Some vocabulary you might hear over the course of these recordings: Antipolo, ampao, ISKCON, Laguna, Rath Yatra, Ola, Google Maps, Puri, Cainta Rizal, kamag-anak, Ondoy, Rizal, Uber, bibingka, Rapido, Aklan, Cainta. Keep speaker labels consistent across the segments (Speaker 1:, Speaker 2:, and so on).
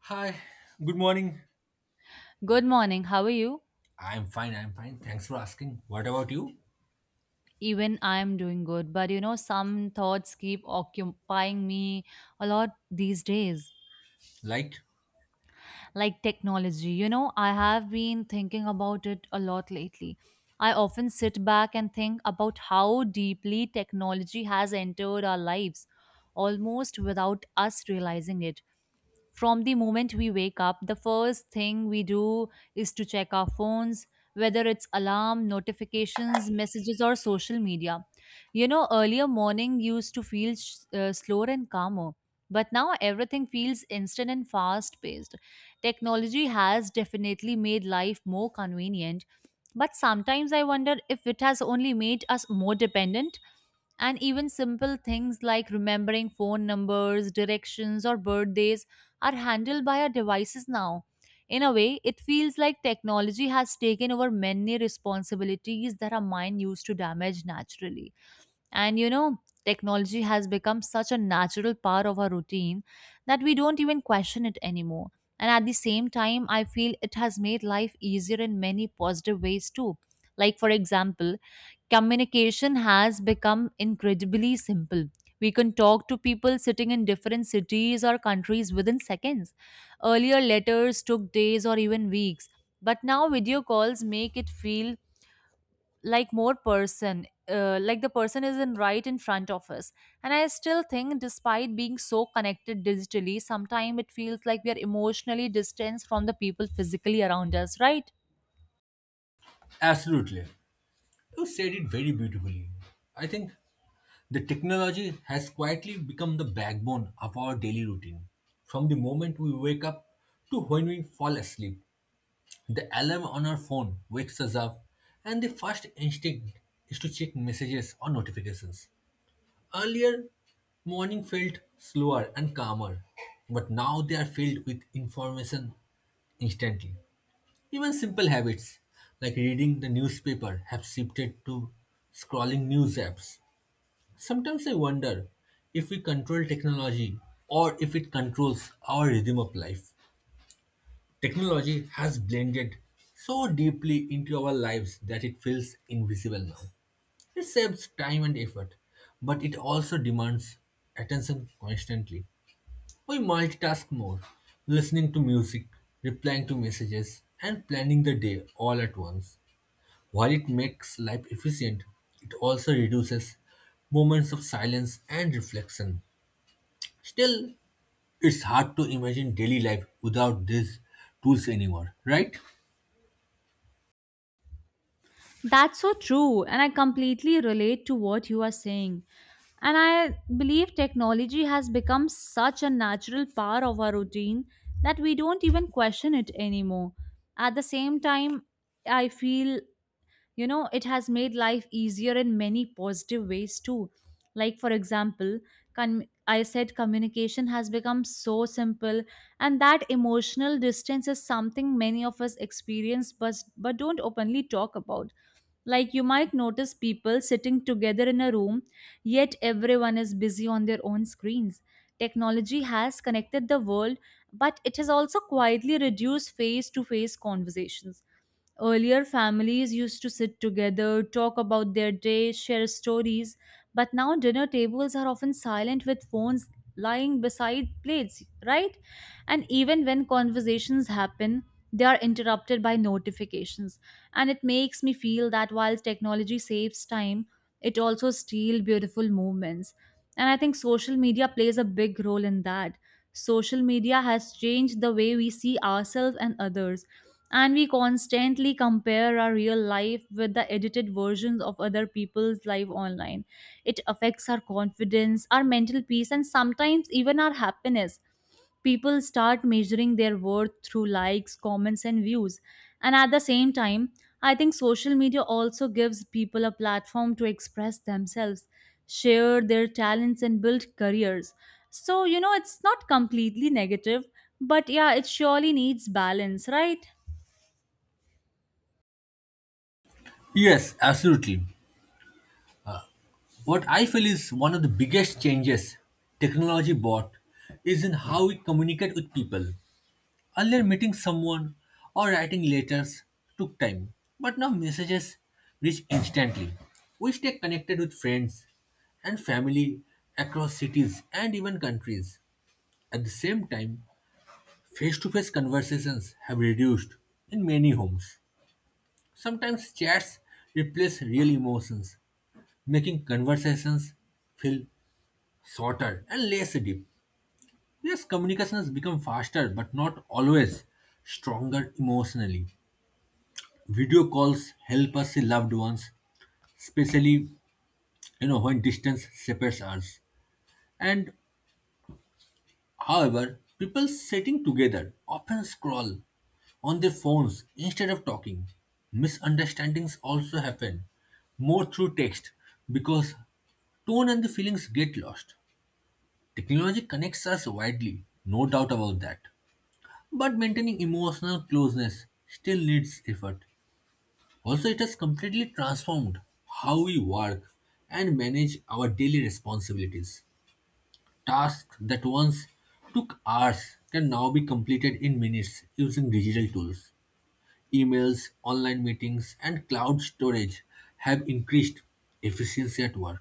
Speaker 1: Hi, good morning.
Speaker 2: Good morning. How are you?
Speaker 1: I'm fine, I'm fine. Thanks for asking. What about you?
Speaker 2: Even I am doing good, but you know, some thoughts keep occupying me a lot these days.
Speaker 1: Light?
Speaker 2: Like technology, you know, I have been thinking about it a lot lately. I often sit back and think about how deeply technology has entered our lives almost without us realizing it. From the moment we wake up, the first thing we do is to check our phones, whether it's alarm notifications, messages, or social media. You know, earlier morning used to feel slower and calmer, but now everything feels instant and fast paced. Technology has definitely made life more convenient, but sometimes I wonder if it has only made us more dependent. And even simple things like remembering phone numbers, directions, or birthdays are handled by our devices now. In a way, it feels like technology has taken over many responsibilities that our mind used to damage naturally. And you know, technology has become such a natural part of our routine that we don't even question it anymore. And at the same time, I feel it has made life easier in many positive ways too. Like, for example, communication has become incredibly simple. We can talk to people sitting in different cities or countries within seconds. Earlier, letters took days or even weeks, but now video calls make it feel like more person like the person is in right in front of us. And I still think, despite being so connected digitally, sometimes it feels like we are emotionally distanced from the people physically around us, right?
Speaker 1: Absolutely. You said it very beautifully. I think the technology has quietly become the backbone of our daily routine. From the moment we wake up to when we fall asleep, the alarm on our phone wakes us up, and the first instinct is to check messages or notifications. Earlier, morning felt slower and calmer, but now they are filled with information instantly. Even simple habits like reading the newspaper have shifted to scrolling news apps. Sometimes I wonder if we control technology or if it controls our rhythm of life. Technology has blended so deeply into our lives that it feels invisible now. It saves time and effort, but it also demands attention constantly. We multitask more, listening to music, replying to messages, and planning the day all at once. While it makes life efficient, it also reduces moments of silence and reflection. Still, it's hard to imagine daily life without these tools anymore, right?
Speaker 2: That's so true, and I completely relate to what you are saying. And I believe technology has become such a natural part of our routine that we don't even question it anymore. At the same time, I feel, you know, it has made life easier in many positive ways too. Like, for example, con- I said communication has become so simple. And that emotional distance is something many of us experience but don't openly talk about. Like, you might notice people sitting together in a room, yet everyone is busy on their own screens. Technology has connected the world, but it has also quietly reduced face to face conversations. Earlier, families used to sit together, talk about their day, share stories, but now dinner tables are often silent with phones lying beside plates, right? And even when conversations happen, they are interrupted by notifications. And it makes me feel that while technology saves time, it also steals beautiful moments. And I think social media plays a big role in that. Social media has changed the way we see ourselves and others, and we constantly compare our real life with the edited versions of other people's life online. It affects our confidence, our mental peace, and sometimes even our happiness. People start measuring their worth through likes, comments, and views. And at the same time, I think social media also gives people a platform to express themselves, share their talents, and build careers. So you know, it's not completely negative, but yeah, it surely needs balance, right?
Speaker 1: Yes, absolutely. What I feel is one of the biggest changes technology brought is in how we communicate with people. Earlier, meeting someone or writing letters took time, but now messages reach instantly. We stay connected with friends and family across cities and even countries. At the same time, face to face conversations have reduced in many homes. Sometimes chats replace real emotions, making conversations feel shorter and less deep. Yes, communication has become faster, but not always stronger emotionally. Video calls help us see loved ones, especially when distance separates us. And however, people sitting together often scroll on their phones instead of talking. Misunderstandings also happen more through text because tone and the feelings get lost. Technology connects us widely, no doubt about that. But maintaining emotional closeness still needs effort. Also, it has completely transformed how we work and manage our daily responsibilities. Tasks that once took hours can now be completed in minutes using digital tools. Emails, online meetings, and cloud storage have increased efficiency at work.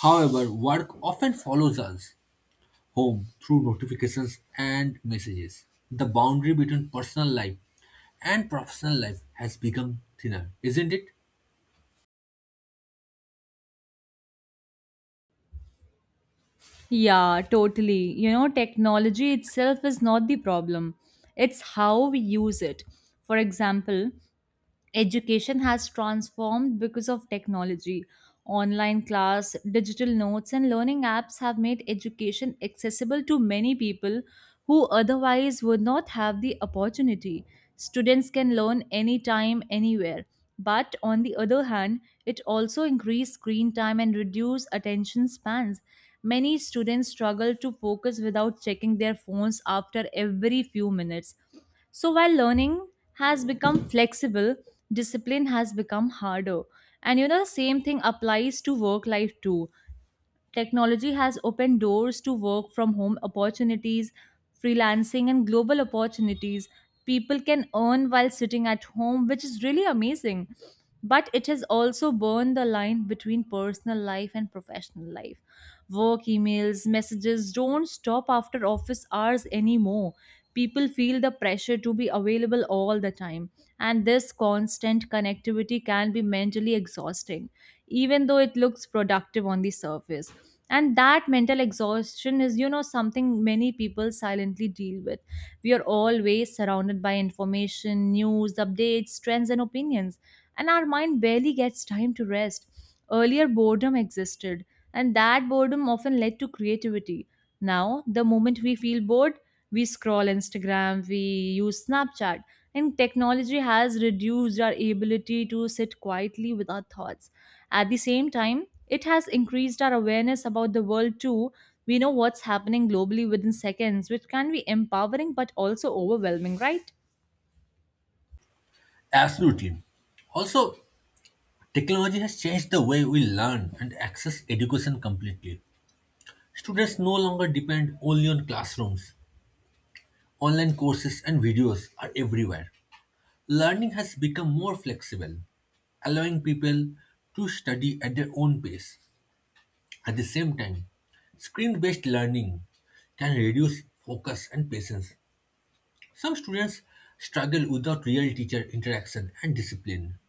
Speaker 1: However, work often follows us home through notifications and messages. The boundary between personal life and professional life has become thinner, isn't it?
Speaker 2: Yeah, totally. You know, technology itself is not the problem, it's how we use it. For example, education has transformed because of technology. Online class, digital notes, and learning apps have made education accessible to many people who otherwise would not have the opportunity. Students can learn anytime, anywhere. But on the other hand, it also increased screen time and reduced attention spans. Many students struggle to focus without checking their phones after every few minutes. So while learning has become flexible, discipline has become harder. And you know, the same thing applies to work life too. Technology has opened doors to work from home opportunities, freelancing, and global opportunities. People can earn while sitting at home, which is really amazing. But it has also burned the line between personal life and professional life. Work emails, messages don't stop after office hours anymore. People feel the pressure to be available all the time, and this constant connectivity can be mentally exhausting even though it looks productive on the surface. And that mental exhaustion is, you know, something many people silently deal with. We are always surrounded by information, news, updates, trends, and opinions, and our mind barely gets time to rest. Earlier, boredom existed, and that boredom often led to creativity. Now, the moment we feel bored, we scroll Instagram, we use Snapchat, and technology has reduced our ability to sit quietly with our thoughts. At the same time, it has increased our awareness about the world too. We know what's happening globally within seconds, which can be empowering but also overwhelming, right?
Speaker 1: Absolutely. Also, technology has changed the way we learn and access education completely. Students no longer depend only on classrooms. Online courses and videos are everywhere. Learning has become more flexible, allowing people to study at their own pace. At the same time, screen-based learning can reduce focus and patience. Some students struggle without real teacher interaction and discipline.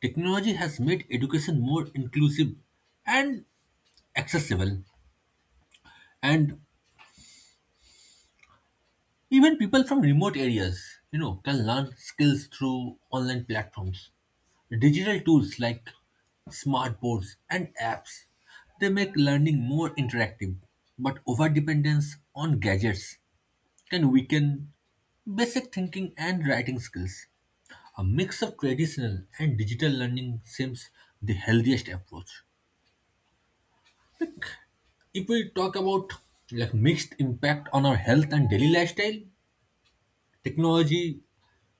Speaker 1: Technology has made education more inclusive and accessible, and even people from remote areas, can learn skills through online platforms. Digital tools like smart boards and apps, they make learning more interactive. But overdependence on gadgets can weaken basic thinking and writing skills. A mix of traditional and digital learning seems the healthiest approach. If we talk about like mixed impact on our health and daily lifestyle, technology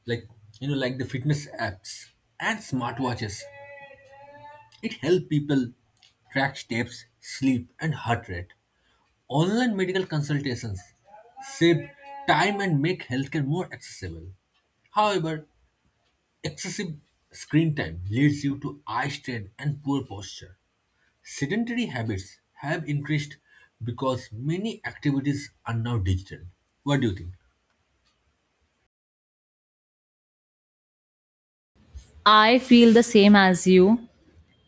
Speaker 1: like like the fitness apps and smartwatches, it help people track steps, sleep, and heart rate. Online medical consultations save time and make healthcare more accessible. However, excessive screen time leads you to eye strain and poor posture. Sedentary habits have increased because many activities are now digital. What do you think?
Speaker 2: I feel the same as you.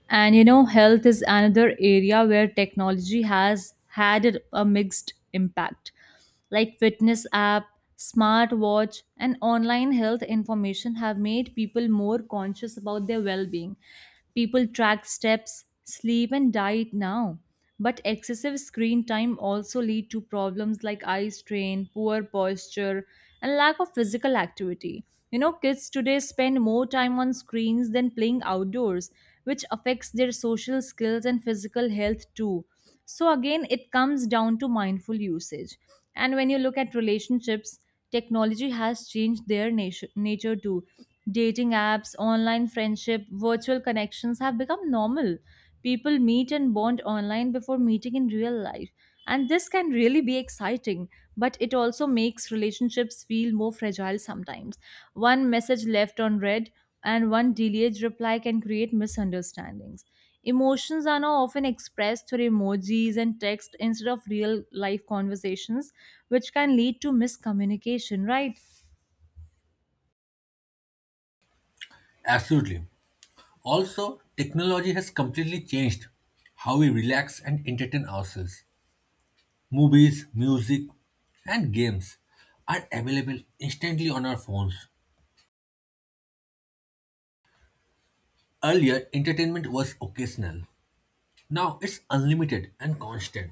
Speaker 2: And you know, health is another area where technology has had a mixed impact. Like fitness app, smartwatch, and online health information have made people more conscious about their well being. People track steps, sleep, and diet now. But excessive screen time also lead to problems like eye strain, poor posture, and lack of physical activity. You know, kids today spend more time on screens than playing outdoors, which affects their social skills and physical health too. So again, it comes down to mindful usage. And when you look at relationships, technology has changed their nature too. Dating apps, online friendship, virtual connections have become normal. People meet and bond online before meeting in real life, and this can really be exciting, but it also makes relationships feel more fragile sometimes. One message left unread and one delayed reply can create misunderstandings. Emotions are now often expressed through emojis and text instead of real life conversations, which can lead to miscommunication, right?
Speaker 1: Absolutely. Also, technology has completely changed how we relax and entertain ourselves. Movies, music, and games are available instantly on our phones. Earlier, entertainment was occasional. Now it's unlimited and constant.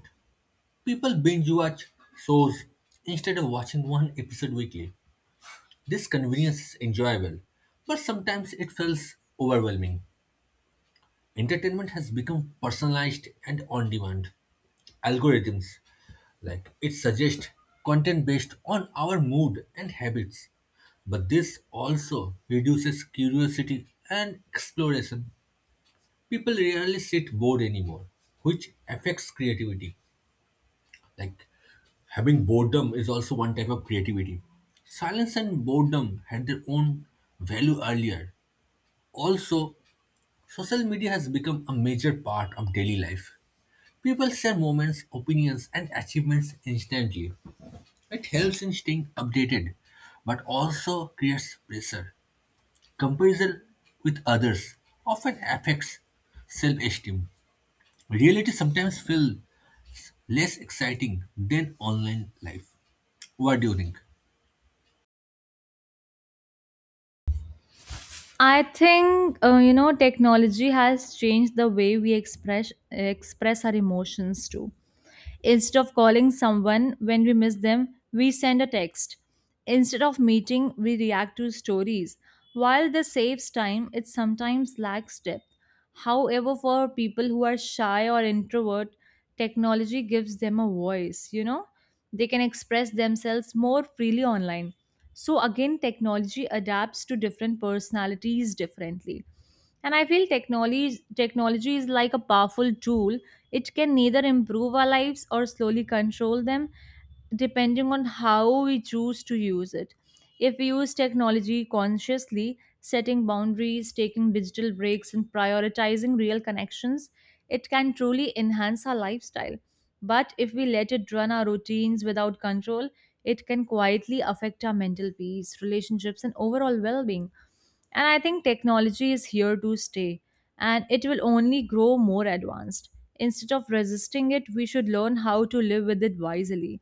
Speaker 1: People binge watch shows instead of watching one episode weekly. This convenience is enjoyable, but sometimes it feels overwhelming. Entertainment has become personalized and on demand. Algorithms, like it suggests content based on our mood and habits. But this also reduces curiosity and exploration. People rarely sit bored anymore, which affects creativity. Like, having boredom is also one type of creativity. Silence and boredom had their own value earlier. Also, social media has become a major part of daily life. People share moments, opinions, and achievements instantly. It helps in staying updated, but also creates pressure. Comparison with others often affects self esteem. Reality sometimes feels less exciting than online life. What do you think?
Speaker 2: I think you know, technology has changed the way we express our emotions too. Instead of calling someone when we miss them, we send a text. Instead of meeting, we react to stories. While this saves time, it sometimes lacks depth. However, for people who are shy or introvert, technology gives them a voice, you know? They can express themselves more freely online. So, again, technology adapts to different personalities differently. And I feel technology is like a powerful tool. It can neither improve our lives or slowly control them, depending on how we choose to use it. If we use technology consciously, setting boundaries, taking digital breaks, and prioritizing real connections, it can truly enhance our lifestyle. But if we let it run our routines without control, it can quietly affect our mental peace, relationships, and overall well being. And I think technology is here to stay, and it will only grow more advanced. Instead of resisting it, we should learn how to live with it wisely.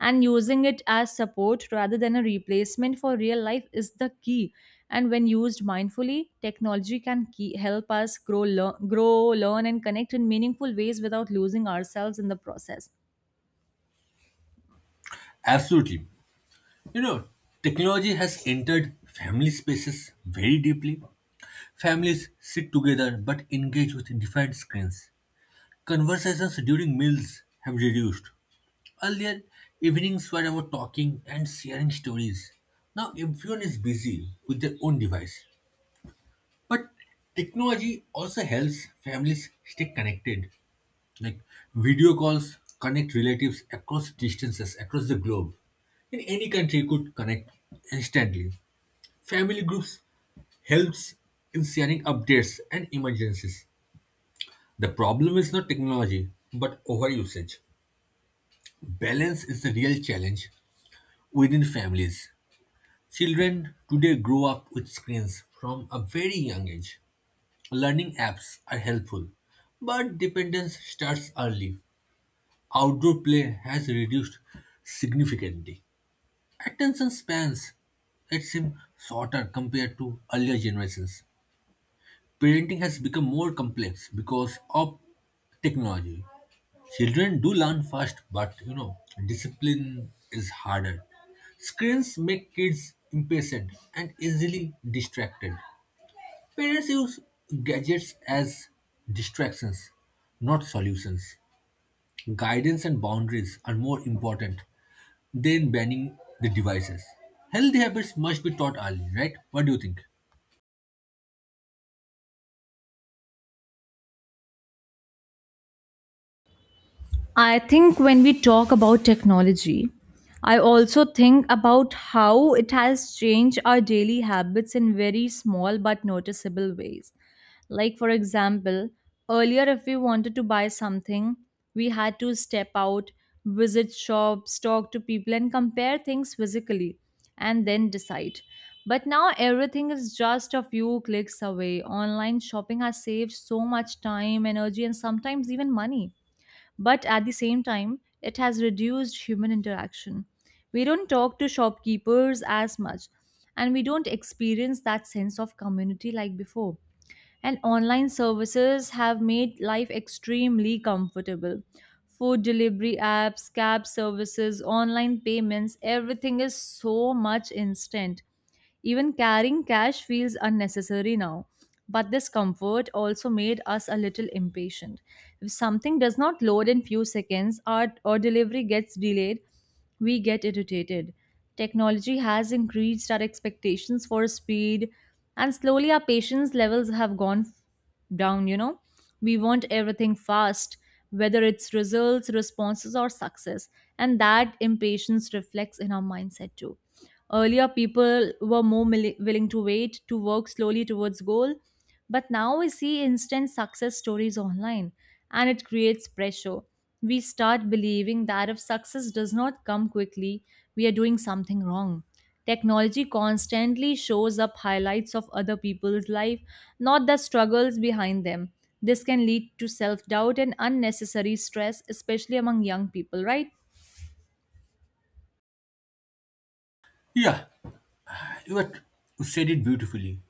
Speaker 2: And using it as support rather than a replacement for real life is the key. And when used mindfully, technology can key, help us grow, learn, and connect in meaningful ways without losing ourselves in the process.
Speaker 1: Absolutely. You know, Technology has entered family spaces very deeply. Families sit together but engage with different screens. Conversations during meals have reduced. Earlier, evenings were about talking and sharing stories. Now everyone is busy with their own device. But technology also helps families stay connected. Like, video calls connect relatives across distances, across the globe. In any country you could connect instantly. Family groups helps in sharing updates and emergencies. The problem is not technology, but overusage. Balance is the real challenge within families. Children today grow up with screens from a very young age. Learning apps are helpful, but dependence starts early. Outdoor play has reduced significantly. Attention spans, it seems, shorter compared to earlier generations. Parenting has become more complex because of technology. Children do learn fast, but discipline is harder. Screens make kids impatient and easily distracted. Parents use gadgets as distractions, not solutions. Guidance and boundaries are more important than banning the devices. Healthy habits must be taught early, right? What do you think?
Speaker 2: I think when we talk about technology, I also think about how it has changed our daily habits in very small but noticeable ways. Like, for example, earlier, if we wanted to buy something, we had to step out, visit shops, talk to people, and compare things physically, and then decide. But now everything is just a few clicks away. Online shopping has saved so much time, energy, and sometimes even money, but at the same time, it has reduced human interaction. We don't talk to shopkeepers as much, and we don't experience that sense of community like before. And online services have made life extremely comfortable. Food delivery apps, cab services, online payments, everything is so much instant. Even carrying cash feels unnecessary now. But this comfort also made us a little impatient. If something does not load in few seconds, or delivery gets delayed, we get irritated. Technology has increased our expectations for speed, and slowly our patience levels have gone down, you know. We want everything fast, whether it's results, responses, or success, and that impatience reflects in our mindset too. Earlier, people were more willing to wait, to work slowly towards goal, but now we see instant success stories online, and it creates pressure. We start believing that if success does not come quickly, we are doing something wrong. Technology constantly shows up highlights of other people's life, not the struggles behind them. This can lead to self doubt and unnecessary stress, especially among young people, right?
Speaker 1: Yeah, you had said it beautifully.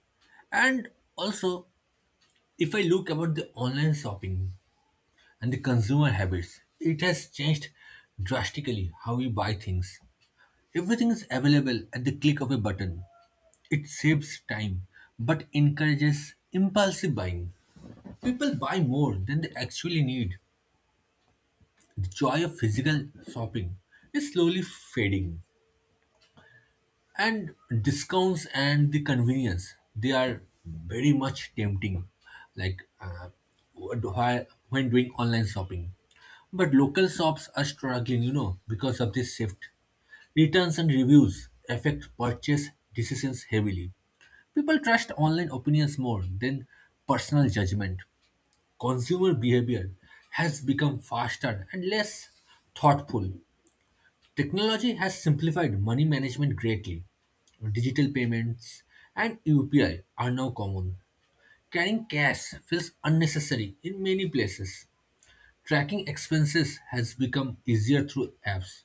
Speaker 1: And also, if I look about the online shopping and the consumer habits, it has changed drastically how we buy things. Everything is available at the click of a button. It saves time but encourages impulsive buying. People buy more than they actually need. The joy of physical shopping is slowly fading. And discounts and the convenience, they are very much tempting, like what- when doing online shopping. But local shops are struggling, because of this shift. Returns and reviews affect purchase decisions heavily. People trust online opinions more than personal judgment. Consumer behavior has become faster and less thoughtful. Technology has simplified money management greatly. Digital payments and UPI are now common. Carrying cash feels unnecessary in many places. Tracking expenses has become easier through apps.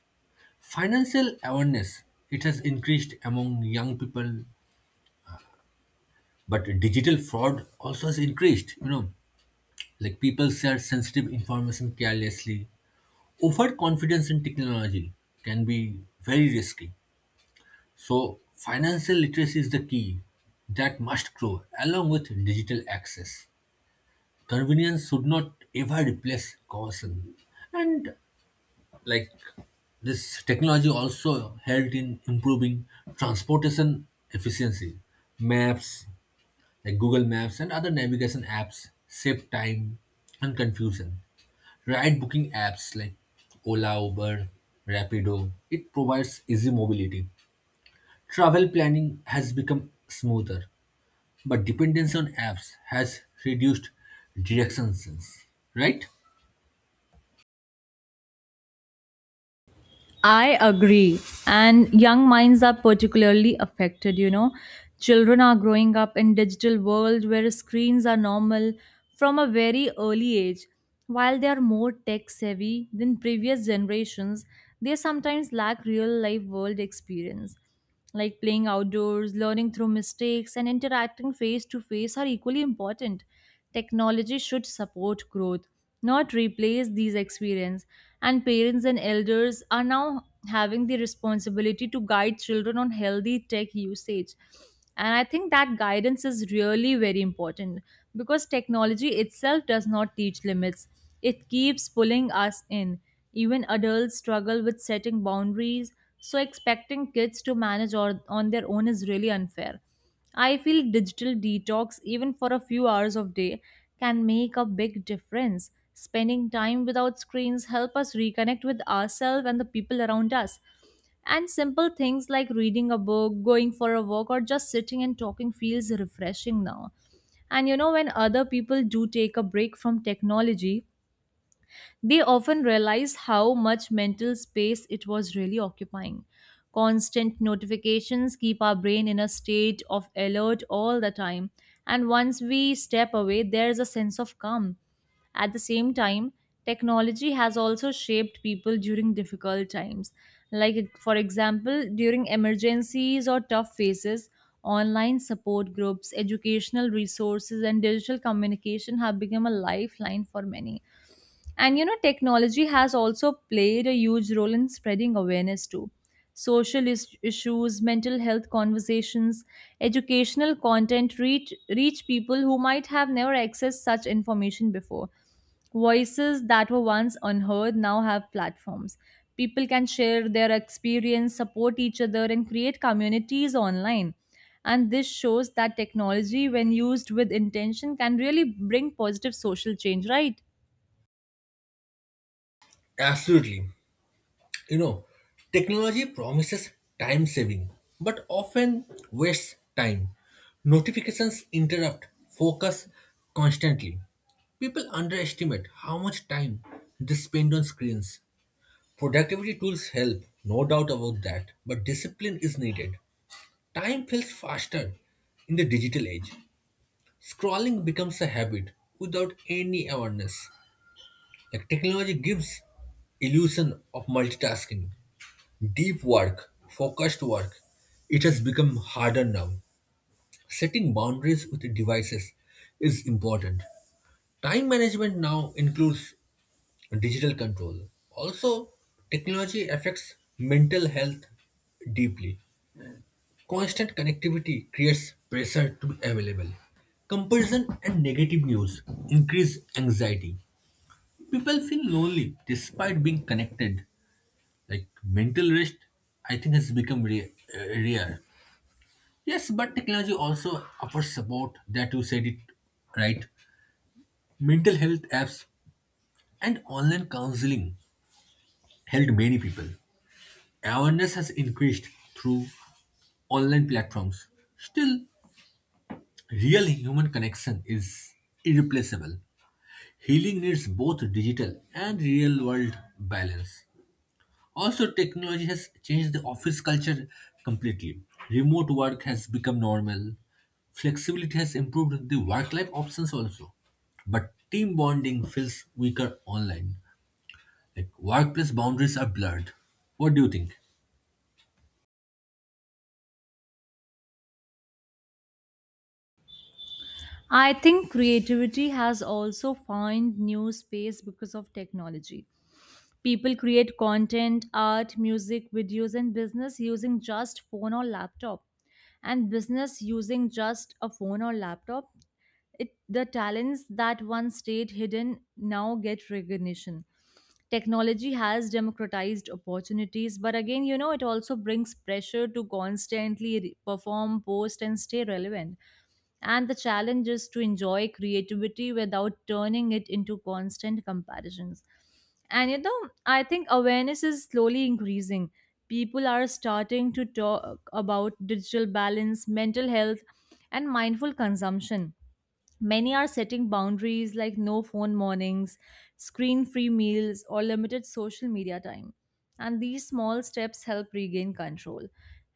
Speaker 1: Financial awareness, it has increased among young people, but digital fraud also has increased, like people share sensitive information carelessly. Overconfidence in technology can be very risky. So, financial literacy is the key that must grow along with digital access. Convenience should not ever replace caution. And like this, technology also helped in improving transportation efficiency. Maps, like Google Maps and other navigation apps, save time and confusion. Ride booking apps like Ola, Uber, Rapido, it provides easy mobility. Travel planning has become smoother, but dependence on apps has reduced direction sense, right?
Speaker 2: I agree. And young minds are particularly affected, you know. Children are growing up in digital world where screens are normal from a very early age. While they are more tech savvy than previous generations, they sometimes lack real life world experience. Like playing outdoors, learning through mistakes, and interacting face to face are equally important. Technology should support growth, not replace these experiences. And parents and elders are now having the responsibility to guide children on healthy tech usage. And I think that guidance is really very important because technology itself does not teach limits, it keeps pulling us in. Even adults struggle with setting boundaries, so expecting kids to manage or, on their own is really unfair. I feel digital detox, even for a few hours of day, can make a big difference. Spending time without screens help us reconnect with ourselves and the people around us. And simple things like reading a book, going for a walk, or just sitting and talking feels refreshing now. And you know, when other people do take a break from technology, they often realized how much mental space it was really occupying. Constant notifications keep our brain in a state of alert all the time, and once we step away, there's a sense of calm. At the same time, technology has also shaped people during difficult times. Like, for example, during emergencies or tough phases, online support groups, educational resources, and digital communication have become a lifeline for many. And you know, technology has also played a huge role in spreading awareness too. Issues, mental health conversations, educational content reach people who might have never accessed such information before. Voices that were once unheard now have platforms. People can share their experience, support each other, and create communities online. And this shows that technology, when used with intention, can really bring positive social change, right?
Speaker 1: Absolutely. You know, Technology promises time saving, but often wastes time. Notifications interrupt focus constantly. People underestimate how much time they spend on screens. Productivity tools help, no doubt about that, but discipline is needed. Time feels faster in the digital age. Scrolling becomes a habit without any awareness. Like, technology gives illusion of multitasking. Deep work, focused work, it has become harder now. Setting boundaries with devices is important. Time management now includes digital control. Also, technology affects mental health deeply. Constant connectivity creates pressure to be available. Comparison and negative news increase anxiety. People feel lonely despite being connected. Like mental rest, I think has become rare. Yes, but technology also offers support, that you said it right. Mental health apps and online counseling helped many people. Awareness has increased through online platforms. Still, real human connection is irreplaceable. Healing needs both digital and real world balance. Also, technology has changed the office culture completely. Remote work has become normal. Flexibility has improved the work life options also. But team bonding feels weaker online. Like, workplace boundaries are blurred. What do you think?
Speaker 2: I think creativity has also found new space because of technology. People create content, art, music, videos, and business using just phone or laptop. And business using just a phone or laptop. It, the talents that once stayed hidden now get recognition. Technology has democratized opportunities, but again, you know, it also brings pressure to constantly perform, post, and stay relevant and the challenge is to enjoy creativity without turning it into constant comparisons. And you know, I think awareness is slowly increasing. People are starting to talk about digital balance, mental health, and mindful consumption. Many are setting boundaries like no phone mornings, screen free meals, or limited social media time. And these small steps help regain control.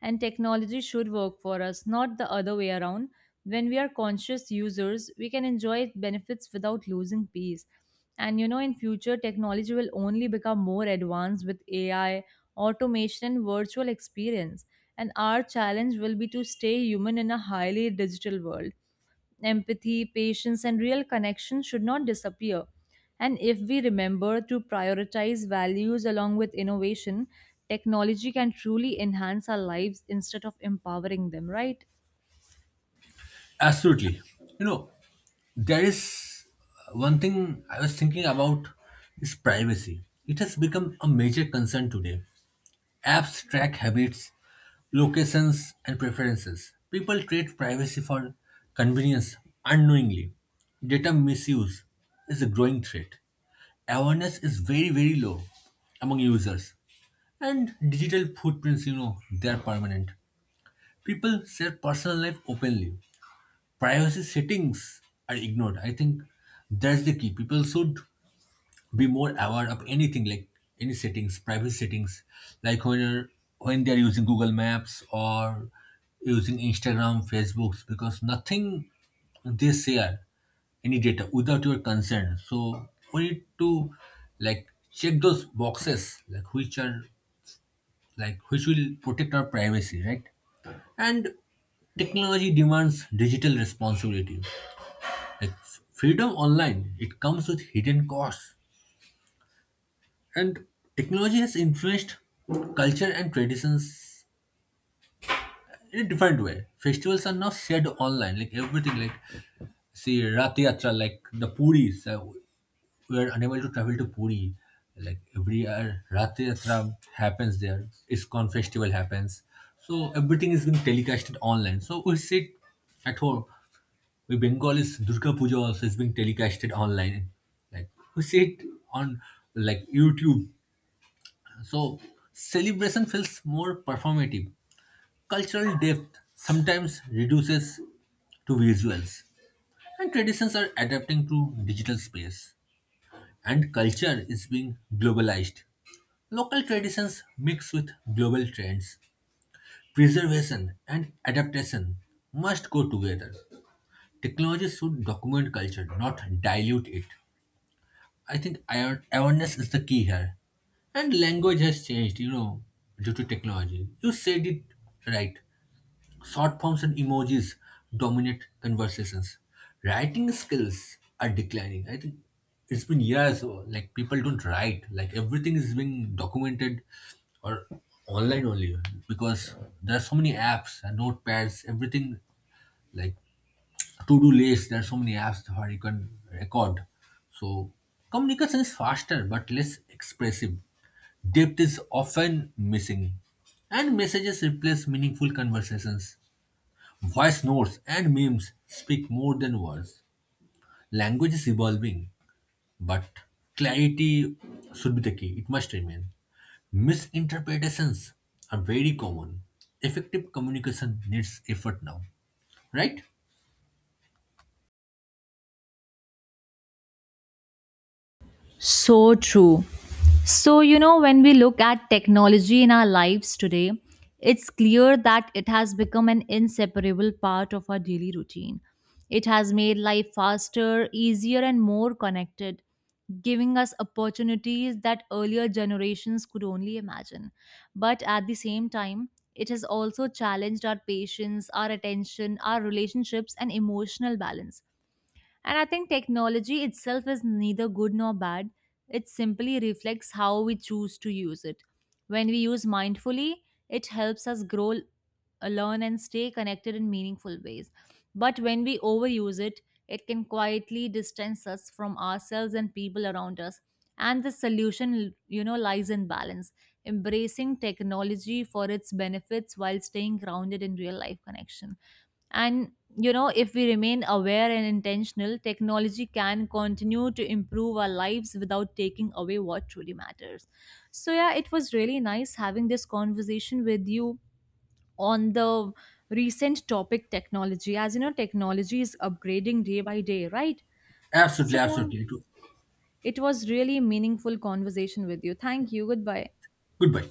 Speaker 2: And technology should work for us, not the other way around. When we are conscious users, we can enjoy its benefits without losing peace. And you know, in future, technology will only become more advanced with AI, automation, and virtual experience. And our challenge will be to stay human in a highly digital world. Empathy, patience, and real connection should not disappear. And if we remember to prioritize values along with innovation, technology can truly enhance our lives instead of empowering them, right?
Speaker 1: Absolutely. You know, There is one thing I was thinking about is privacy. It has become a major concern today. Apps track habits, locations, and preferences. People trade privacy for convenience unknowingly. Data misuse is a growing threat. Awareness is very, very low among users. And digital footprints, they are permanent. People share personal life openly. Privacy settings are ignored. I think that's the key. People should be more aware of anything like any settings, privacy settings, like when they're using Google Maps or using Instagram, Facebooks, because nothing they share any data without your consent. So we need to, like, check those boxes, like which are like which will protect our privacy, right? And technology demands digital responsibility, like freedom online, it comes with hidden costs. And technology has influenced culture and traditions in a different way. Festivals are now shared online, like everything, like see Rath Yatra, like the Puris. We are unable to travel to Puri. Like every year, Rath Yatra happens there. ISKCON festival happens. So everything is being telecasted online. So we sit at home. We Bengalis, Durga Puja also is being telecasted online. Like, we see it on like YouTube. So celebration feels more performative. Cultural depth sometimes reduces to visuals. And traditions are adapting to digital space. And culture is being globalized. Local traditions mix with global trends. Preservation and adaptation must go together. Technology should document culture, not dilute it. I think awareness is the key here. And language has changed, due to technology. You said it right. Short forms and emojis dominate conversations. Writing skills are declining. I think it's been years, like people don't write. Like everything is being documented or online only because there are so many apps and notepads, everything like to-do list. There are so many apps where you can record. So communication is faster but less expressive. Depth is often missing. And messages replace meaningful conversations. Voice notes and memes speak more than words. Language is evolving, but clarity should be the key. It must remain. Misinterpretations are very common. Effective communication needs effort now. Right?
Speaker 2: So true. So, you know, when we look at technology in our lives today, it's clear that it has become an inseparable part of our daily routine. It has made life faster, easier, and more connected, giving us opportunities that earlier generations could only imagine. But at the same time, it has also challenged our patience, our attention, our relationships, and emotional balance and I think technology itself is neither good nor bad. It simply reflects how we choose to use it. When we use mindfully, it helps us grow, learn, and stay connected in meaningful ways. But when we overuse it, it can quietly distance us from ourselves and people around us. And the solution, you know, lies in balance, embracing technology for its benefits while staying grounded in real life connection. And you know, if we remain aware and intentional, technology can continue to improve our lives without taking away what truly matters. So, yeah, it was really nice having this conversation with you on the recent topic technology. As you know, technology is upgrading day by day, right? So,
Speaker 1: Absolutely,
Speaker 2: yeah,
Speaker 1: absolutely.
Speaker 2: it was really meaningful conversation with you. Thank you. Goodbye.
Speaker 1: Goodbye.